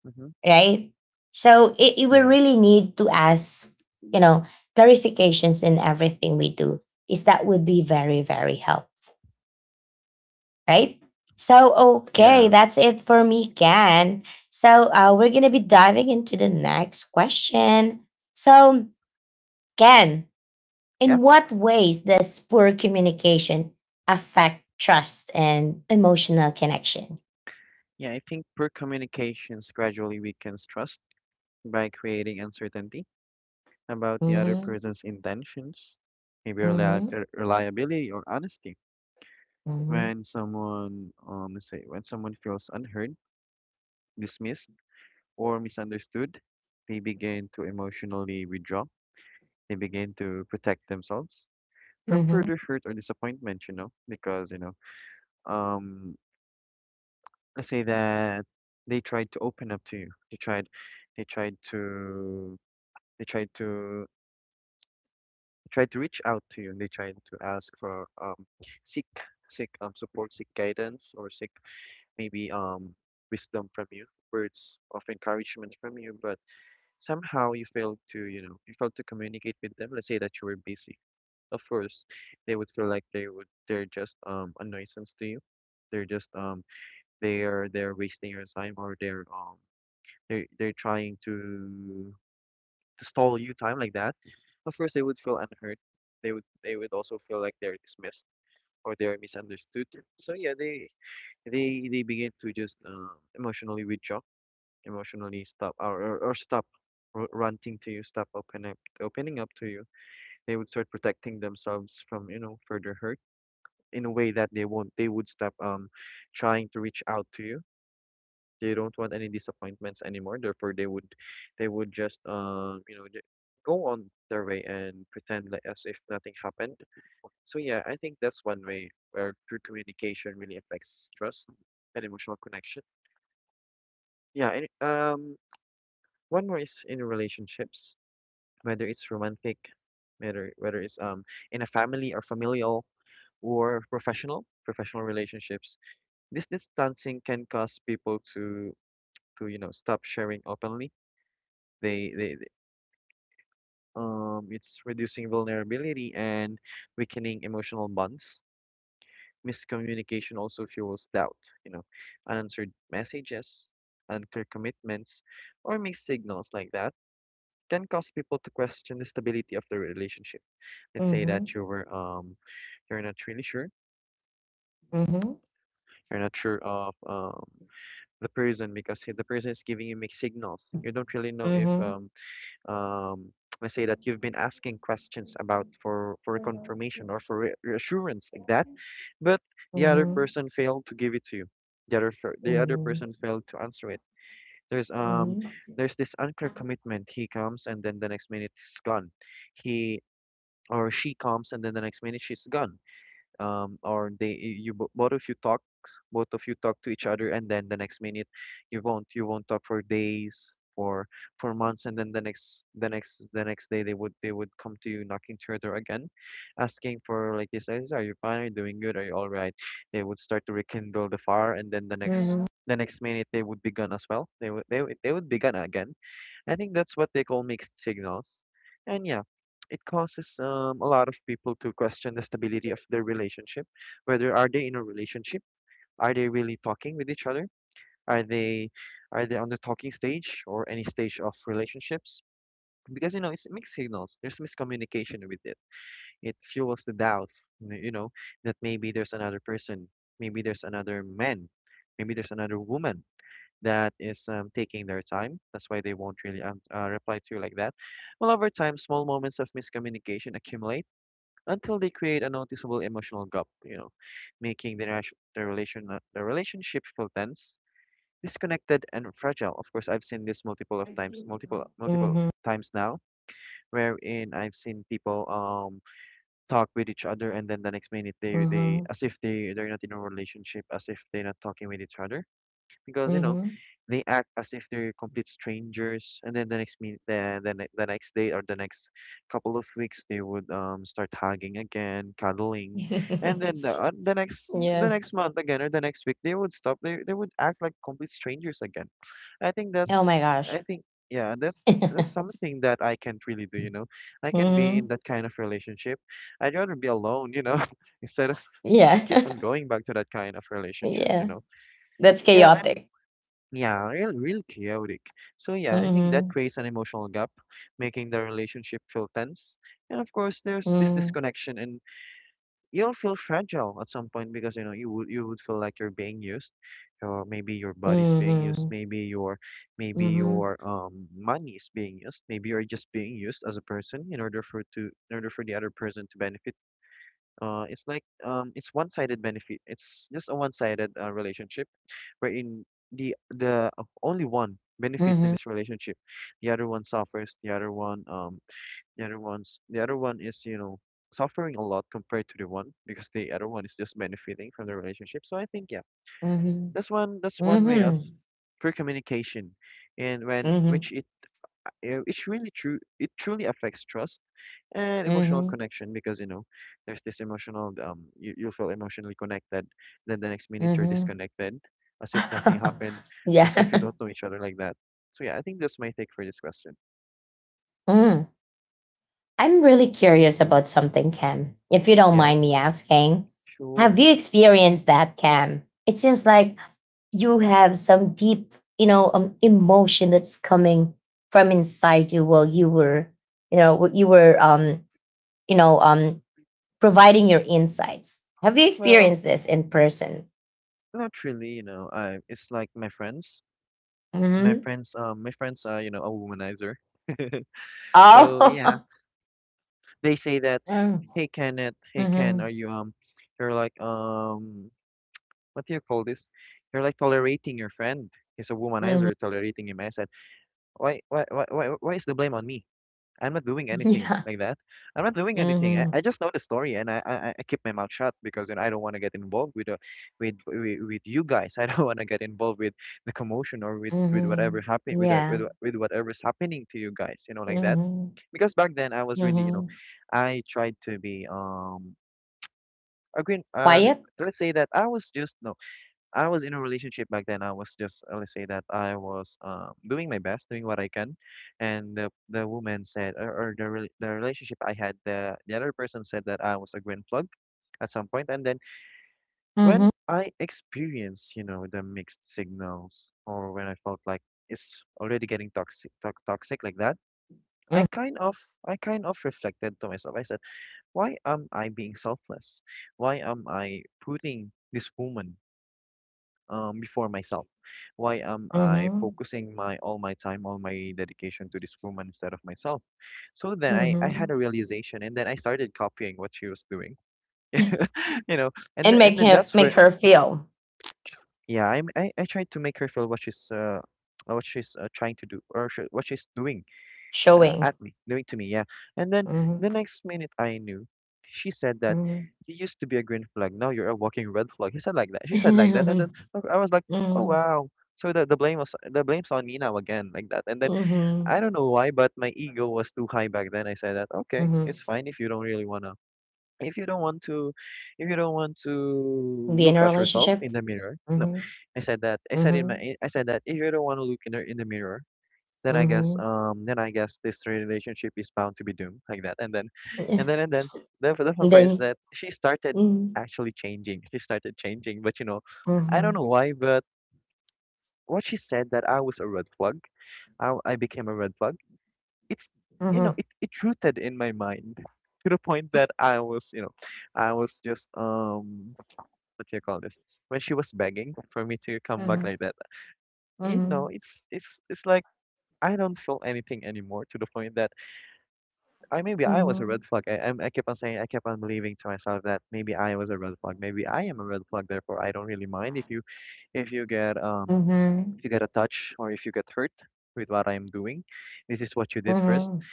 B: Mhm.
A: right? So it will
B: Yeah.
A: really need to ask, you know, clarifications in everything we do. Is that would be very, very helpful, right? So okay,
B: Yeah.
A: that's it for me, Ken. So we're gonna be diving into the next question. So Ken,
B: Yeah.
A: in what ways does poor communication affect trust and emotional connection?
B: Yeah, I think poor communications gradually weakens trust by creating uncertainty about the other
A: Mm-hmm.
B: person's intentions, maybe
A: Mm-hmm.
B: reliability or honesty.
A: Mm-hmm.
B: When someone, let's say, when someone feels unheard, dismissed, or misunderstood, they begin to emotionally withdraw. They begin to protect themselves from
A: Mm-hmm.
B: further hurt or disappointment, you know, because, you know, um, let's say that they tried to open up to you. They tried to, they tried to, tried to reach out to you. They tried to ask for, seek, support, seek guidance, or seek maybe wisdom from you, words of encouragement from you, but somehow you failed to, you know, you failed to communicate with them. Let's say that you were busy. Of course, they would feel like they're just a nuisance to you. They're just um they're wasting your time or they're trying to stall you time like that. Of course, they would feel unheard. They would also feel like they're dismissed or they're misunderstood. So yeah, they begin to just emotionally withdraw, emotionally stop or stop ranting to you, stop opening up to you. They would start protecting themselves from you know further hurt in a way that they won't. They would stop trying to reach out to you. They don't want any disappointments anymore. Therefore, they would just go on their way and pretend like as if nothing happened. So yeah, I think that's one way where true communication really affects trust and emotional connection. Yeah, and one more is in relationships, whether it's romantic, whether it's in a family or familial or professional relationships. This distancing can cause people to to stop sharing openly. They they they- it's reducing vulnerability and weakening emotional bonds. Miscommunication also fuels doubt, you know, unanswered messages, unclear commitments, or mixed signals like that can cause people to question the stability of the relationship. Let's say
A: Mm-hmm.
B: that you were you're not really sure.
A: Mm-hmm.
B: You're not sure of the person because the person is giving you mixed signals. You
A: Mhm.
B: don't really know if
A: Mhm.
B: um let's say that you've been asking questions about for confirmation or
A: Mhm.
B: for re reassurance like that, but the other person failed to give it to you. The other
A: Mhm.
B: person failed to answer it. There's um there's this unclear commitment. He comes and then the next minute he's gone. He or she comes and then the next minute she's gone, or they, you bo- both of you talk both of you talk to each other and then the next minute you won't talk for days, for months, and then the next the next day they would come to you knocking to your door again, asking for like this, are you fine, are you doing good, are you all right? They would start to rekindle the fire, and then the next
A: Mhm.
B: the next minute they would be gone as well. They would be gone again. I think that's what they call mixed signals. And yeah, it causes a lot of people to question the stability of their relationship. Whether are they in a relationship? Are they really talking with each other? Are they are they on the talking stage or any stage of relationships? Because you know it's mixed signals. There's miscommunication with it. It fuels the doubt. You know, that maybe there's another person, maybe there's another man, maybe there's another woman that is taking their time. That's why they won't really reply to you like that. Well, over time, small moments of miscommunication accumulate until they create a noticeable emotional gap, you know, making the relationship feel tense, disconnected, and fragile. Of course, I've seen this multiple of times, multiple
A: Mhm.
B: times now, wherein I've seen people talk with each other, and then the next minute they
A: Mhm.
B: as if they're not in a relationship, as if they're not talking with each other, because you know
A: Mhm.
B: they act as if they're complete strangers, and then the next day or the next couple of weeks they would start hugging again, cuddling, and then the
A: [LAUGHS]
B: uh, the next, the
A: Yeah.
B: next month again or the next week they would stop. They would act like complete strangers again. I think
A: Oh
B: that's
A: my gosh.
B: I think, yeah, that's
A: [LAUGHS]
B: something that I can't really do. You know, I can be in
A: Mhm.
B: that kind of relationship. I'd rather be alone. You know, [LAUGHS] instead of keep
A: Yeah.
B: on
A: [LAUGHS]
B: going back to that kind of relationship. You
A: Yeah.
B: know.
A: That's
B: Yeah, and
A: chaotic.
B: yeah, real, real chaotic. So yeah, I think that
A: Mhm.
B: creates an emotional gap, making the relationship feel tense. And of course, there's this
A: Mhm.
B: disconnection, and you'll feel fragile at some point because you know you would feel like you're being used, or maybe your body's being used,
A: Mhm.
B: maybe your maybe
A: Mhm.
B: your um money is being used, maybe you're just being used as a person in order for the other person to benefit. It's like it's one-sided benefit. It's just a one-sided relationship, wherein the only one benefits in
A: Mhm.
B: this relationship, the other one suffers. The other one is you know suffering a lot compared to the one because the other one is just benefiting from the relationship. So I think yeah,
A: Mhm.
B: that's one way of
A: Mhm.
B: pure communication, and when which
A: Mhm.
B: it's really true. It truly affects trust and emotional
A: Mhm.
B: connection because you know there's this emotional you, you feel emotionally connected, then the next minute you're
A: Mhm.
B: disconnected, as if nothing happened,
A: [LAUGHS] Yeah.
B: as if you don't know
A: [LAUGHS]
B: each other like that. So yeah, I think that's my take for this question.
A: Mm. I'm really curious about something, Cam. If you don't
B: Yeah,
A: mind me asking, have
B: sure.
A: you experienced that, Cam? It seems like you have some deep, emotion that's coming from inside you while you were, you were, you know, um, providing your insights. Have you
B: Well,
A: experienced this in person?
B: not really, you know, I it's like my friends, my
A: Mm-hmm.
B: friends um my friends are, you know, a womanizer. [LAUGHS] So yeah,
A: Oh, [LAUGHS]
B: they say that,
A: mm
B: hey Kenneth, hey
A: mm-hmm.
B: Ken, are you you're like what do you call this? You're like tolerating your friend. He's a womanizer,
A: hmm
B: you're tolerating him. I said, why is the blame on me? I'm not doing anything
A: yeah.
B: like that. I'm not doing anything.
A: Mm-hmm.
B: I just know the story and I keep my mouth shut because you know, I don't want to get involved with with you guys. [LAUGHS] I don't want to get involved with the commotion or with whatever
A: Mm-hmm.
B: happen with
A: Yeah.
B: whatever's happening to you guys. You know, like that.
A: Mm-hmm.
B: Because back then I was really, you know,
A: Mm-hmm.
B: I tried to be Agree, uh,
A: Quiet.
B: let's say that I was just, no, I was in a relationship back then. I was just, let's say that I was doing my best, doing what I can, and the woman said, or the relationship I had, the other person said that I was a green plug at some point, and then when
A: Mhm.
B: I experienced, you know, the mixed signals, or when I felt like it's already getting toxic, to toxic like that, I
A: Mm.
B: kind of, I kind of reflected to myself. I said, why am I being selfless? Why am I putting this woman, before myself? Why am I
A: Mhm.
B: focusing my all my time, all my dedication to this woman instead of myself? So then I had
A: Mhm.
B: a realization, and then I started copying what she was doing,
A: [LAUGHS]
B: [LAUGHS] you know, and
A: And
B: and
A: make
B: then
A: him
B: that's
A: make
B: where,
A: her feel
B: yeah, I tried to make her feel what she's [TSK] what she's trying to do or sh what she's doing,
A: showing.
B: doing to me, yeah. And then
A: Mhm.
B: the next minute I knew, she said that
A: Mhm.
B: you used to be a green flag, now you're a walking red flag. He said like that. She said like that, and then
A: Mhm.
B: okay, I was like, oh
A: Mhm.
B: wow. So the blame was the blame's on me now again, like that. And then
A: Mhm.
B: I don't know why, but my ego was too high back then. I said that okay,
A: Mhm.
B: it's fine if you don't really wanna, if you don't want to, if you don't want
A: [LAUGHS]
B: to
A: Be in
B: look
A: a
B: at yourself
A: relationship.
B: in the mirror. No,
A: Mhm.
B: I said that.
A: Mhm.
B: I said that if you don't want to look in the mirror, then I guess,
A: Mhm.
B: then I guess this relationship is bound to be doomed like that. And
A: Yeah.
B: then the fun
A: And
B: part is
A: then
B: that she started
A: Mhm.
B: actually changing. She started changing, but you know, I don't
A: Mhm.
B: know why, but what she said that I was a red flag, I became a red flag. It's, you know,
A: Mhm.
B: it rooted in my mind to the point that I was, you know, I was just what do you call this, when she was begging for me to come back like that. You know,
A: Mhm.
B: it's it's like I don't feel anything anymore, to the point that I maybe I was a red
A: Mhm.
B: flag. I kept on saying, I kept on believing to myself that maybe I was a red flag. Maybe I am a red flag. Therefore, I don't really mind if you, if you get um
A: Mhm.
B: if you get a touch, or if you get hurt with what I'm doing. This is what you did first.
A: Mhm.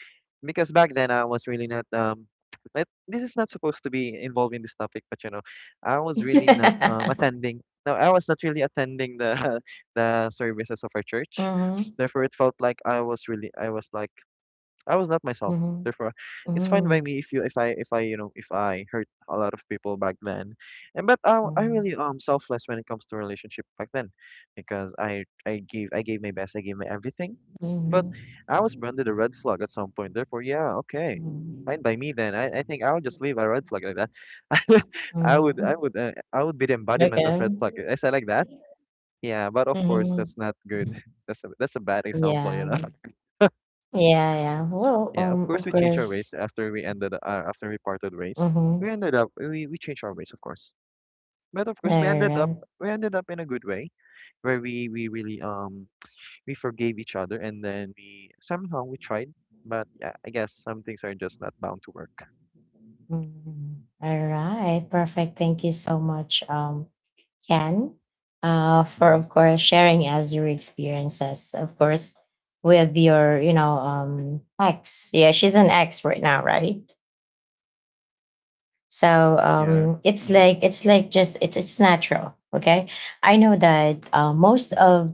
B: Because back then I was really not. It, this is not supposed to be involved in this topic, but you know, I
A: [LAUGHS]
B: was really not
A: Mhm.
B: attending. No, I was not really attending the [LAUGHS] the services of our church. Therefore, it felt like I was like I was not myself.
A: Mhm. Mhm.
B: Therefore, it's fine by me if you, if I, you know, if I hurt a lot of people back then, and but I really selfless when it comes to relationship back then, because I gave, I gave my best, I gave my everything,
A: Mhm.
B: but
A: Mhm.
B: I was branded a red
A: Mhm.
B: flag at some point. Therefore, yeah, okay, fine by
A: Mhm.
B: me then. I think I'll just leave a red flag like that. [LAUGHS] I would be the embodiment of
A: Okay.
B: red flag. Is I said like that? Yeah, but of course
A: Mhm.
B: that's not good. [LAUGHS] That's a bad example, you
A: Yeah.
B: know.
A: Yeah, yeah. Well,
B: Yeah, of course
A: of
B: we changed our
A: course.
B: ways after we ended, after we parted ways.
A: Mm-hmm.
B: We ended up We changed our ways, of course. But of
A: All
B: course we ended up,
A: right.
B: we ended up in a good way, where we really, we forgave each other, and then we somehow we tried, but yeah, I guess some things are just not bound to work.
A: Mm-hmm. All right. Perfect. Thank you so much, Ken, for
B: Mm-hmm.
A: of course sharing us your experiences, of course, with your, ex. Yeah, she's an ex right now, right? So
B: Yeah. Mm-hmm.
A: it's like just it's natural. Okay, I know that most of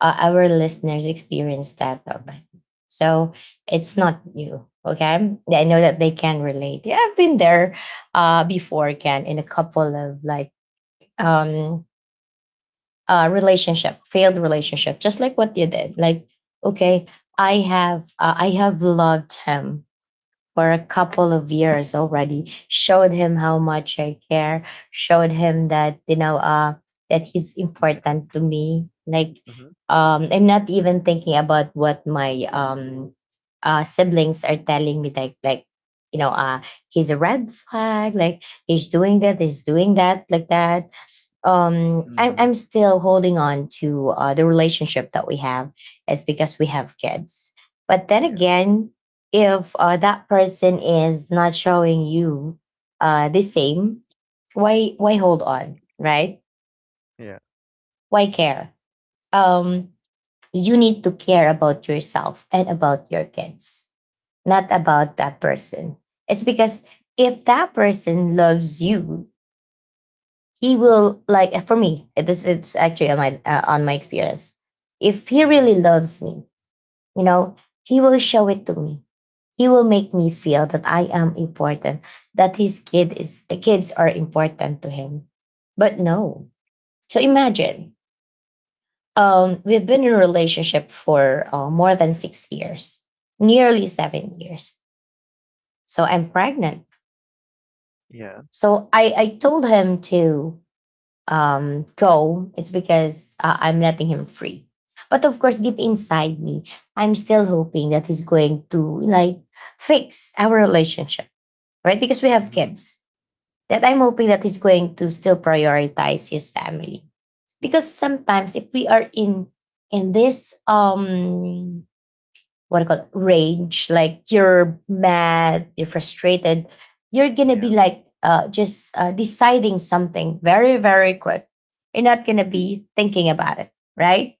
A: our listeners experience that already. So it's not new. Okay, yeah, I know that they can relate. Yeah, I've been there before, Ken, in a couple of like um, relationship, failed relationship, just like what you did. Like, okay, I have loved him for a couple of years already. Showed him how much I care. Showed him that that he's
B: Yeah.
A: important to me. Like
B: Mm-hmm.
A: I'm not even thinking about what my siblings are telling me. You know he's a red flag. Like he's doing that. He's doing that. Like that I'm,
B: Mm-hmm.
A: I'm still holding on to the relationship that we have is because we have kids, but then
B: Yeah.
A: again, if that person is not showing you the same, why hold on, right?
B: Yeah.
A: Why care? um you need to care about yourself and about your kids, not about that person. It's because if that person loves you, he will like for me this, it's actually on my experience, if he
B: Mm-hmm.
A: really loves me, you know, he will show it to me. He will make me feel that I am important, that his kid is kids are important to him. But no. So imagine, we've been in a relationship for more than 6 years, nearly 7 years. So I'm pregnant,
B: Yeah.
A: so I told him to go. It's because I'm letting him free. But of course, deep inside me, I'm still hoping that he's going to like fix our relationship, right? Because we have
B: Mm-hmm.
A: kids. That I'm hoping that he's going to still prioritize his family. Because sometimes if we are in this what I call rage, like you're mad, you're frustrated, you're gonna
B: Yeah.
A: be like just deciding something very, very quick. You're not gonna be thinking about it, right?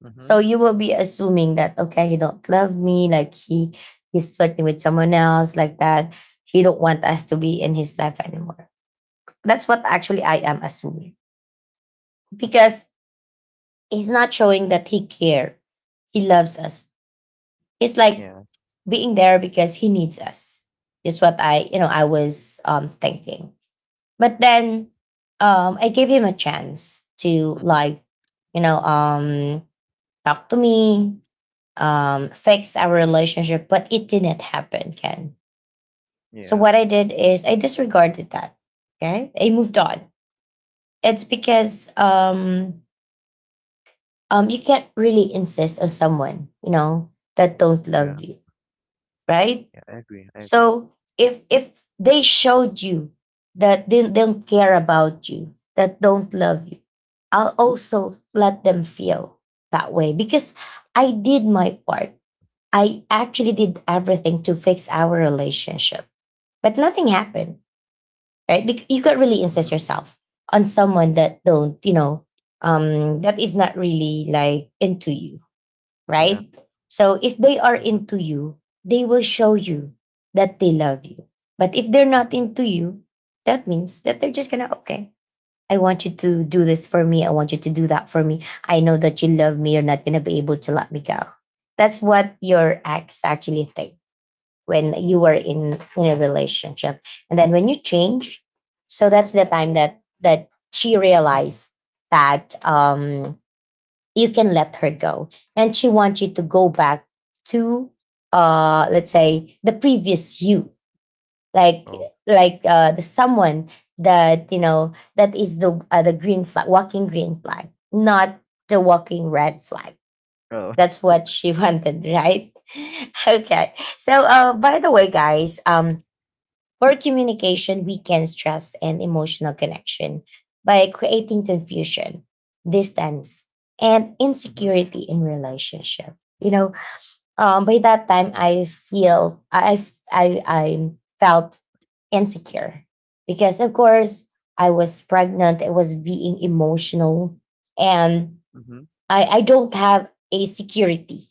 B: Mm-hmm.
A: So you will be assuming that okay, he don't love me, like he's flirting with someone else, like that. He don't want us to be in his life anymore. That's what actually I am assuming because he's not showing that he care, he loves us. It's like
B: Yeah.
A: being there because he needs us. Is what I, I was thinking. But then I gave him a chance to
B: Mm-hmm.
A: like, you know, um, talk to me, fix our relationship, but it didn't happen, Ken. So
B: Yeah.
A: what I did is I disregarded that. Okay, I moved on. It's because you can't really insist on someone, you know, that don't
B: Yeah.
A: love you, right?
B: Yeah. I agree. I agree.
A: So if they showed you that they don't care about you, that don't love you, I'll also let them feel that way because I did my part. I actually did everything to fix our relationship, but nothing happened, right? Because you can't really insist
B: Mm-hmm.
A: yourself on someone that don't, that is not really like into you,
B: Yeah.
A: right? So if they are
B: Mm-hmm.
A: into you, they will show you that they love you. But if they're not
B: Mm-hmm.
A: into you, that means that they're just gonna, okay, I want you to do this for me. I want you to do that for me. I know that you love me. You're not gonna be able to let me go. That's what your ex actually think when you were in a relationship. And then when you change, so that's the time that she realized that you can let her go and she wants you to go back to let's say the previous you, like
B: Oh.
A: like the someone that you know, that is the green flag, walking green flag, not the walking red flag.
B: Oh.
A: That's what she wanted, right? [LAUGHS] Okay, so by the way guys, for communication, we can stress and emotional connection by creating confusion, distance, and
B: Mhm,
A: insecurity in relationship. You know, by that time, I feel I felt insecure because, of course, I was pregnant. I was being emotional, and
B: mhm,
A: I don't have a security,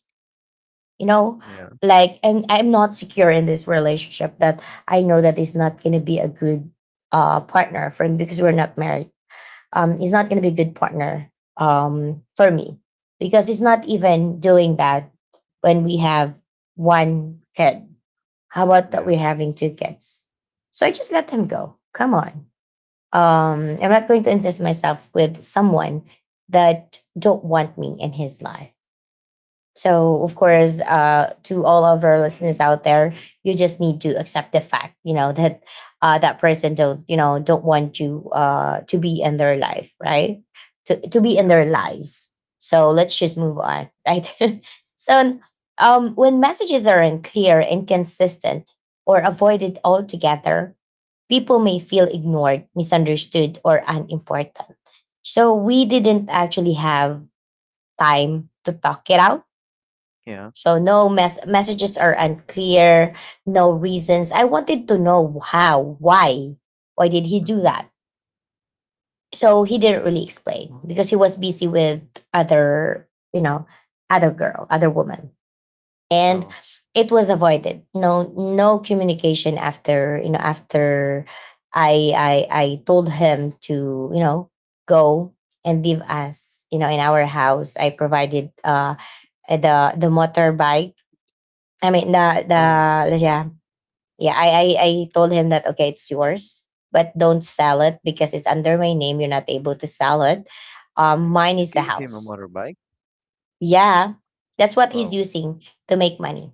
A: you know,
B: yeah,
A: like, and I'm not secure in this relationship. That I know that it's not going to be a good partner for him, because we're not married. It's not going to be a good partner for me, because it's not even doing that when we have one kid. How about that
B: yeah.
A: we're having two kids? So I just let him go. Come on, I'm not going to insist myself with someone that don't want me in his life. So, of
B: Mhm.
A: course, to all of our listeners out there, you just need to accept the fact, you know, that that person don't, you know, don't want you to be in their life, right? To be
B: Yeah,
A: in their lives. So let's just move on, right? [LAUGHS] So, when messages are unclear, inconsistent, or avoided altogether, people may feel ignored, misunderstood, or unimportant. So we didn't actually have time to talk it out.
B: yeah.
A: So no messages are unclear, no reasons. I wanted to know how, why did he do
B: Mhm.
A: that? So he didn't really explain because he was busy with other, you know, other girl, other woman, and
B: Oh,
A: it was avoided. No, no communication after after I told him to you know go and leave us, you know, in our house. I provided the motorbike, I mean the
B: oh,
A: the yeah, yeah, I told him that okay, it's yours, but don't sell it because it's under my name. You're not able to sell it. Mine
B: you
A: is the
B: gave him a
A: house.
B: motorbike?
A: Yeah, that's what
B: Oh,
A: he's using to make money.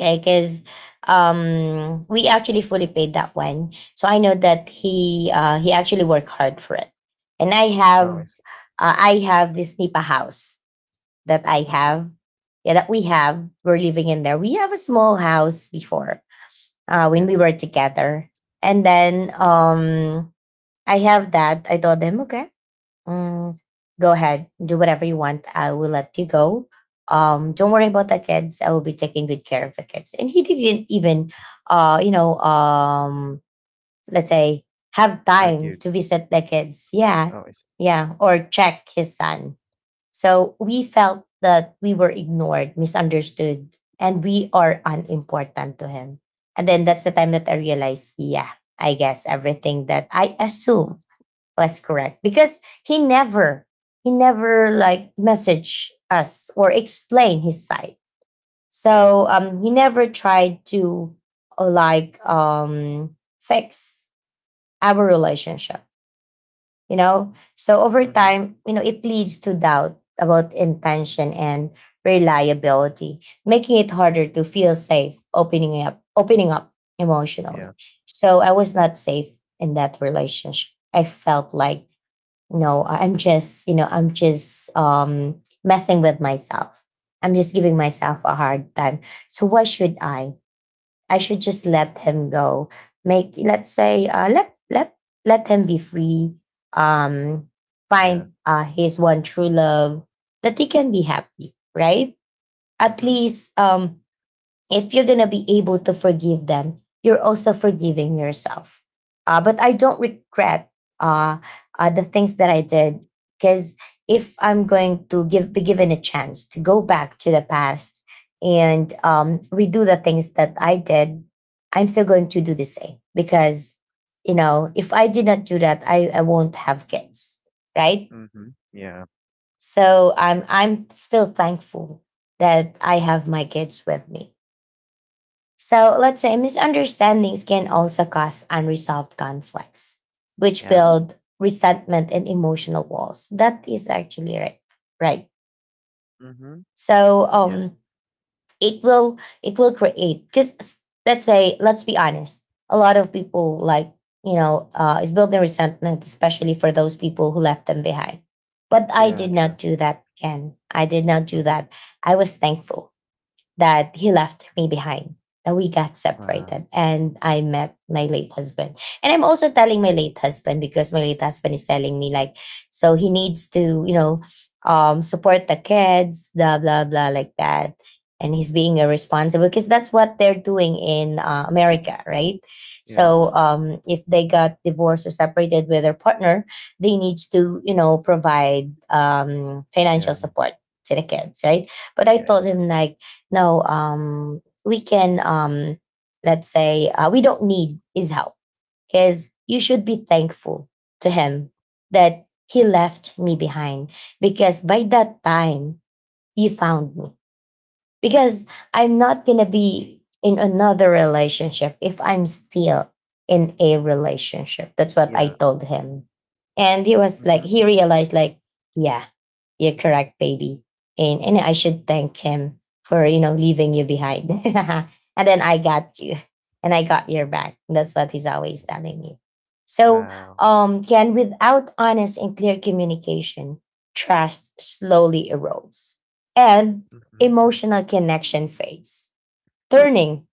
A: Okay, because we actually fully paid that one, so I know that he actually worked hard for it, and
B: oh, I see.
A: I have this Nipa house that I
B: Mhm.
A: have, yeah, that we have, we're living in there. We have a small house before when
B: Yeah,
A: we were together. And then I have that. I told him, okay, mm, go ahead, do whatever you want. I will let you go. Don't worry about the kids. I will be taking good care of the kids. And he didn't even, uh, you know, um, let's say, have time
B: argued.
A: to visit the kids. Yeah,
B: Oh, I see.
A: yeah, or check his son. So we felt that we were ignored, misunderstood, and we are unimportant to him. And then that's the time that I realized, yeah, I guess everything that I assume was correct because he never like message us or explain his side.
B: Yeah,
A: He never tried to fix our relationship so over
B: Mhm.
A: time it leads to doubt about intention and reliability, making it harder to feel safe opening up
B: Yeah,
A: emotionally. So I was not safe in that relationship. I felt like, no, i'm just i'm just messing with myself. I'm just giving myself a hard time. So why should I should just let him go. Make Let's say, let him be free. Um,
B: yeah.
A: Find his one true love that he can be happy, right? At
B: Mhm.
A: least, if you're going to be able to forgive them, you're also forgiving yourself. But I don't regret uh, the things that I did, because if I'm going to be given a chance to go back to the past and redo the things that I did, I'm still going to do the same, because, if I did not do that, I won't have kids, right?
B: Mhm, yeah,
A: So I'm still thankful that I have my kids with me. So let's say misunderstandings can also cause unresolved conflicts, which
B: yeah,
A: build resentment and emotional walls. That is actually right. Right.
B: Mhm.
A: So
B: Yeah,
A: it will, it will create, because let's say, let's be honest, a lot of people, like, is building resentment, especially for those people who left them behind. But I
B: yeah,
A: did
B: true.
A: not do that, Ken. I did not do
B: Mhm.
A: that. I was thankful that he left me behind, that we got
B: Wow,
A: separated, and I met my late husband. And I'm also telling my late husband, because my late husband is telling me, like, so he needs to, you know, support the kids, blah, blah, blah, like that. And he's being irresponsible, because that's what they're doing in America, right?
B: yeah,
A: So if they got divorced or separated with their partner, they need to, provide financial
B: yeah,
A: support to the kids, right? But
B: yeah,
A: I
B: I see.
A: told him, like, no, we can, let's say, we don't need his help, because you should be thankful to him that he left me behind, because by that time you found me, because I'm not going to be in another relationship if I'm still in a relationship. That's what
B: Yeah,
A: I told him. And he was like,
B: Mhm.
A: he realized, like, yeah, you're correct, baby. And I should thank him for, leaving you behind. [LAUGHS] And then I got you and I got your back. That's what he's always telling me. So,
B: Wow,
A: Ken, without honest and clear communication, trust slowly erodes. And
B: Mhm.
A: emotional connection phase, turning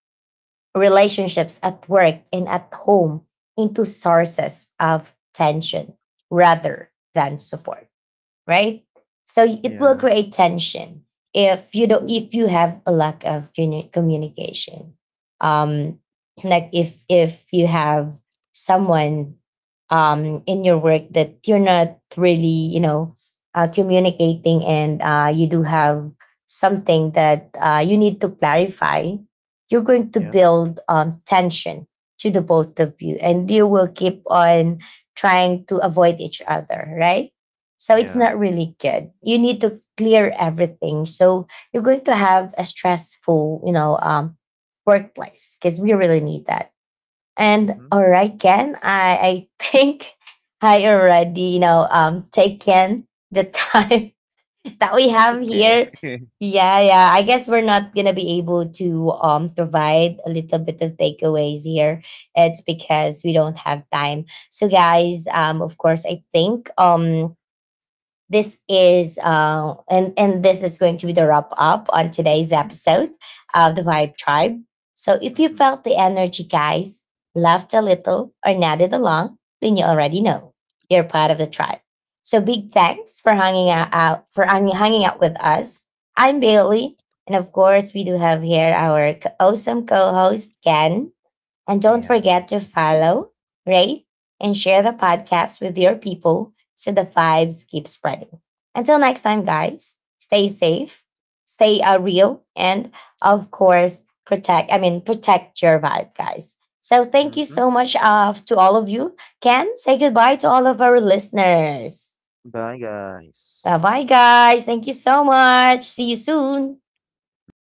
A: relationships at work and at home into sources of tension rather than support, right? So it
B: Yeah,
A: will create tension if you don't if you have a lack of communication. Um, like if you have someone in your work that you're not really, communicating, and you do have something that you need to clarify, you're going to
B: yeah,
A: build tension to the both of you, and you will keep on trying to avoid each other, right? So
B: yeah.
A: it's not really good. You need to clear everything. So you're going to have a stressful, workplace, because we really need that.
B: Mhm.
A: And all right, Ken, I think [LAUGHS] I already, taken the time [LAUGHS] that we
B: It's
A: have
B: okay.
A: here.
B: [LAUGHS]
A: Yeah, yeah. I guess we're not gonna be able to provide a little bit of takeaways here. It's because we don't have time. So guys, of course, I think this is and this is going to be the wrap up on today's episode of the Vibe Tribe. So if you
B: Mhm.
A: felt the energy, guys, laughed a little or nodded along, then you already know you're part of the tribe. So big thanks for hanging out, out for hang- hanging out with us. I'm Bailey, and of course we do have here our awesome co-host Ken. And
B: Yeah,
A: don't forget
B: thank
A: to
B: you.
A: follow, rate, and share the podcast with your people so the vibes keep spreading. Until next time, guys, stay safe, stay real, and of course, protect your vibe, guys. So thank you
B: Mhm.
A: so much to all of you. Ken, say goodbye to all of our listeners.
B: Bye, guys.
A: Bye bye, guys. Thank you so much. See you soon.
B: Hmm.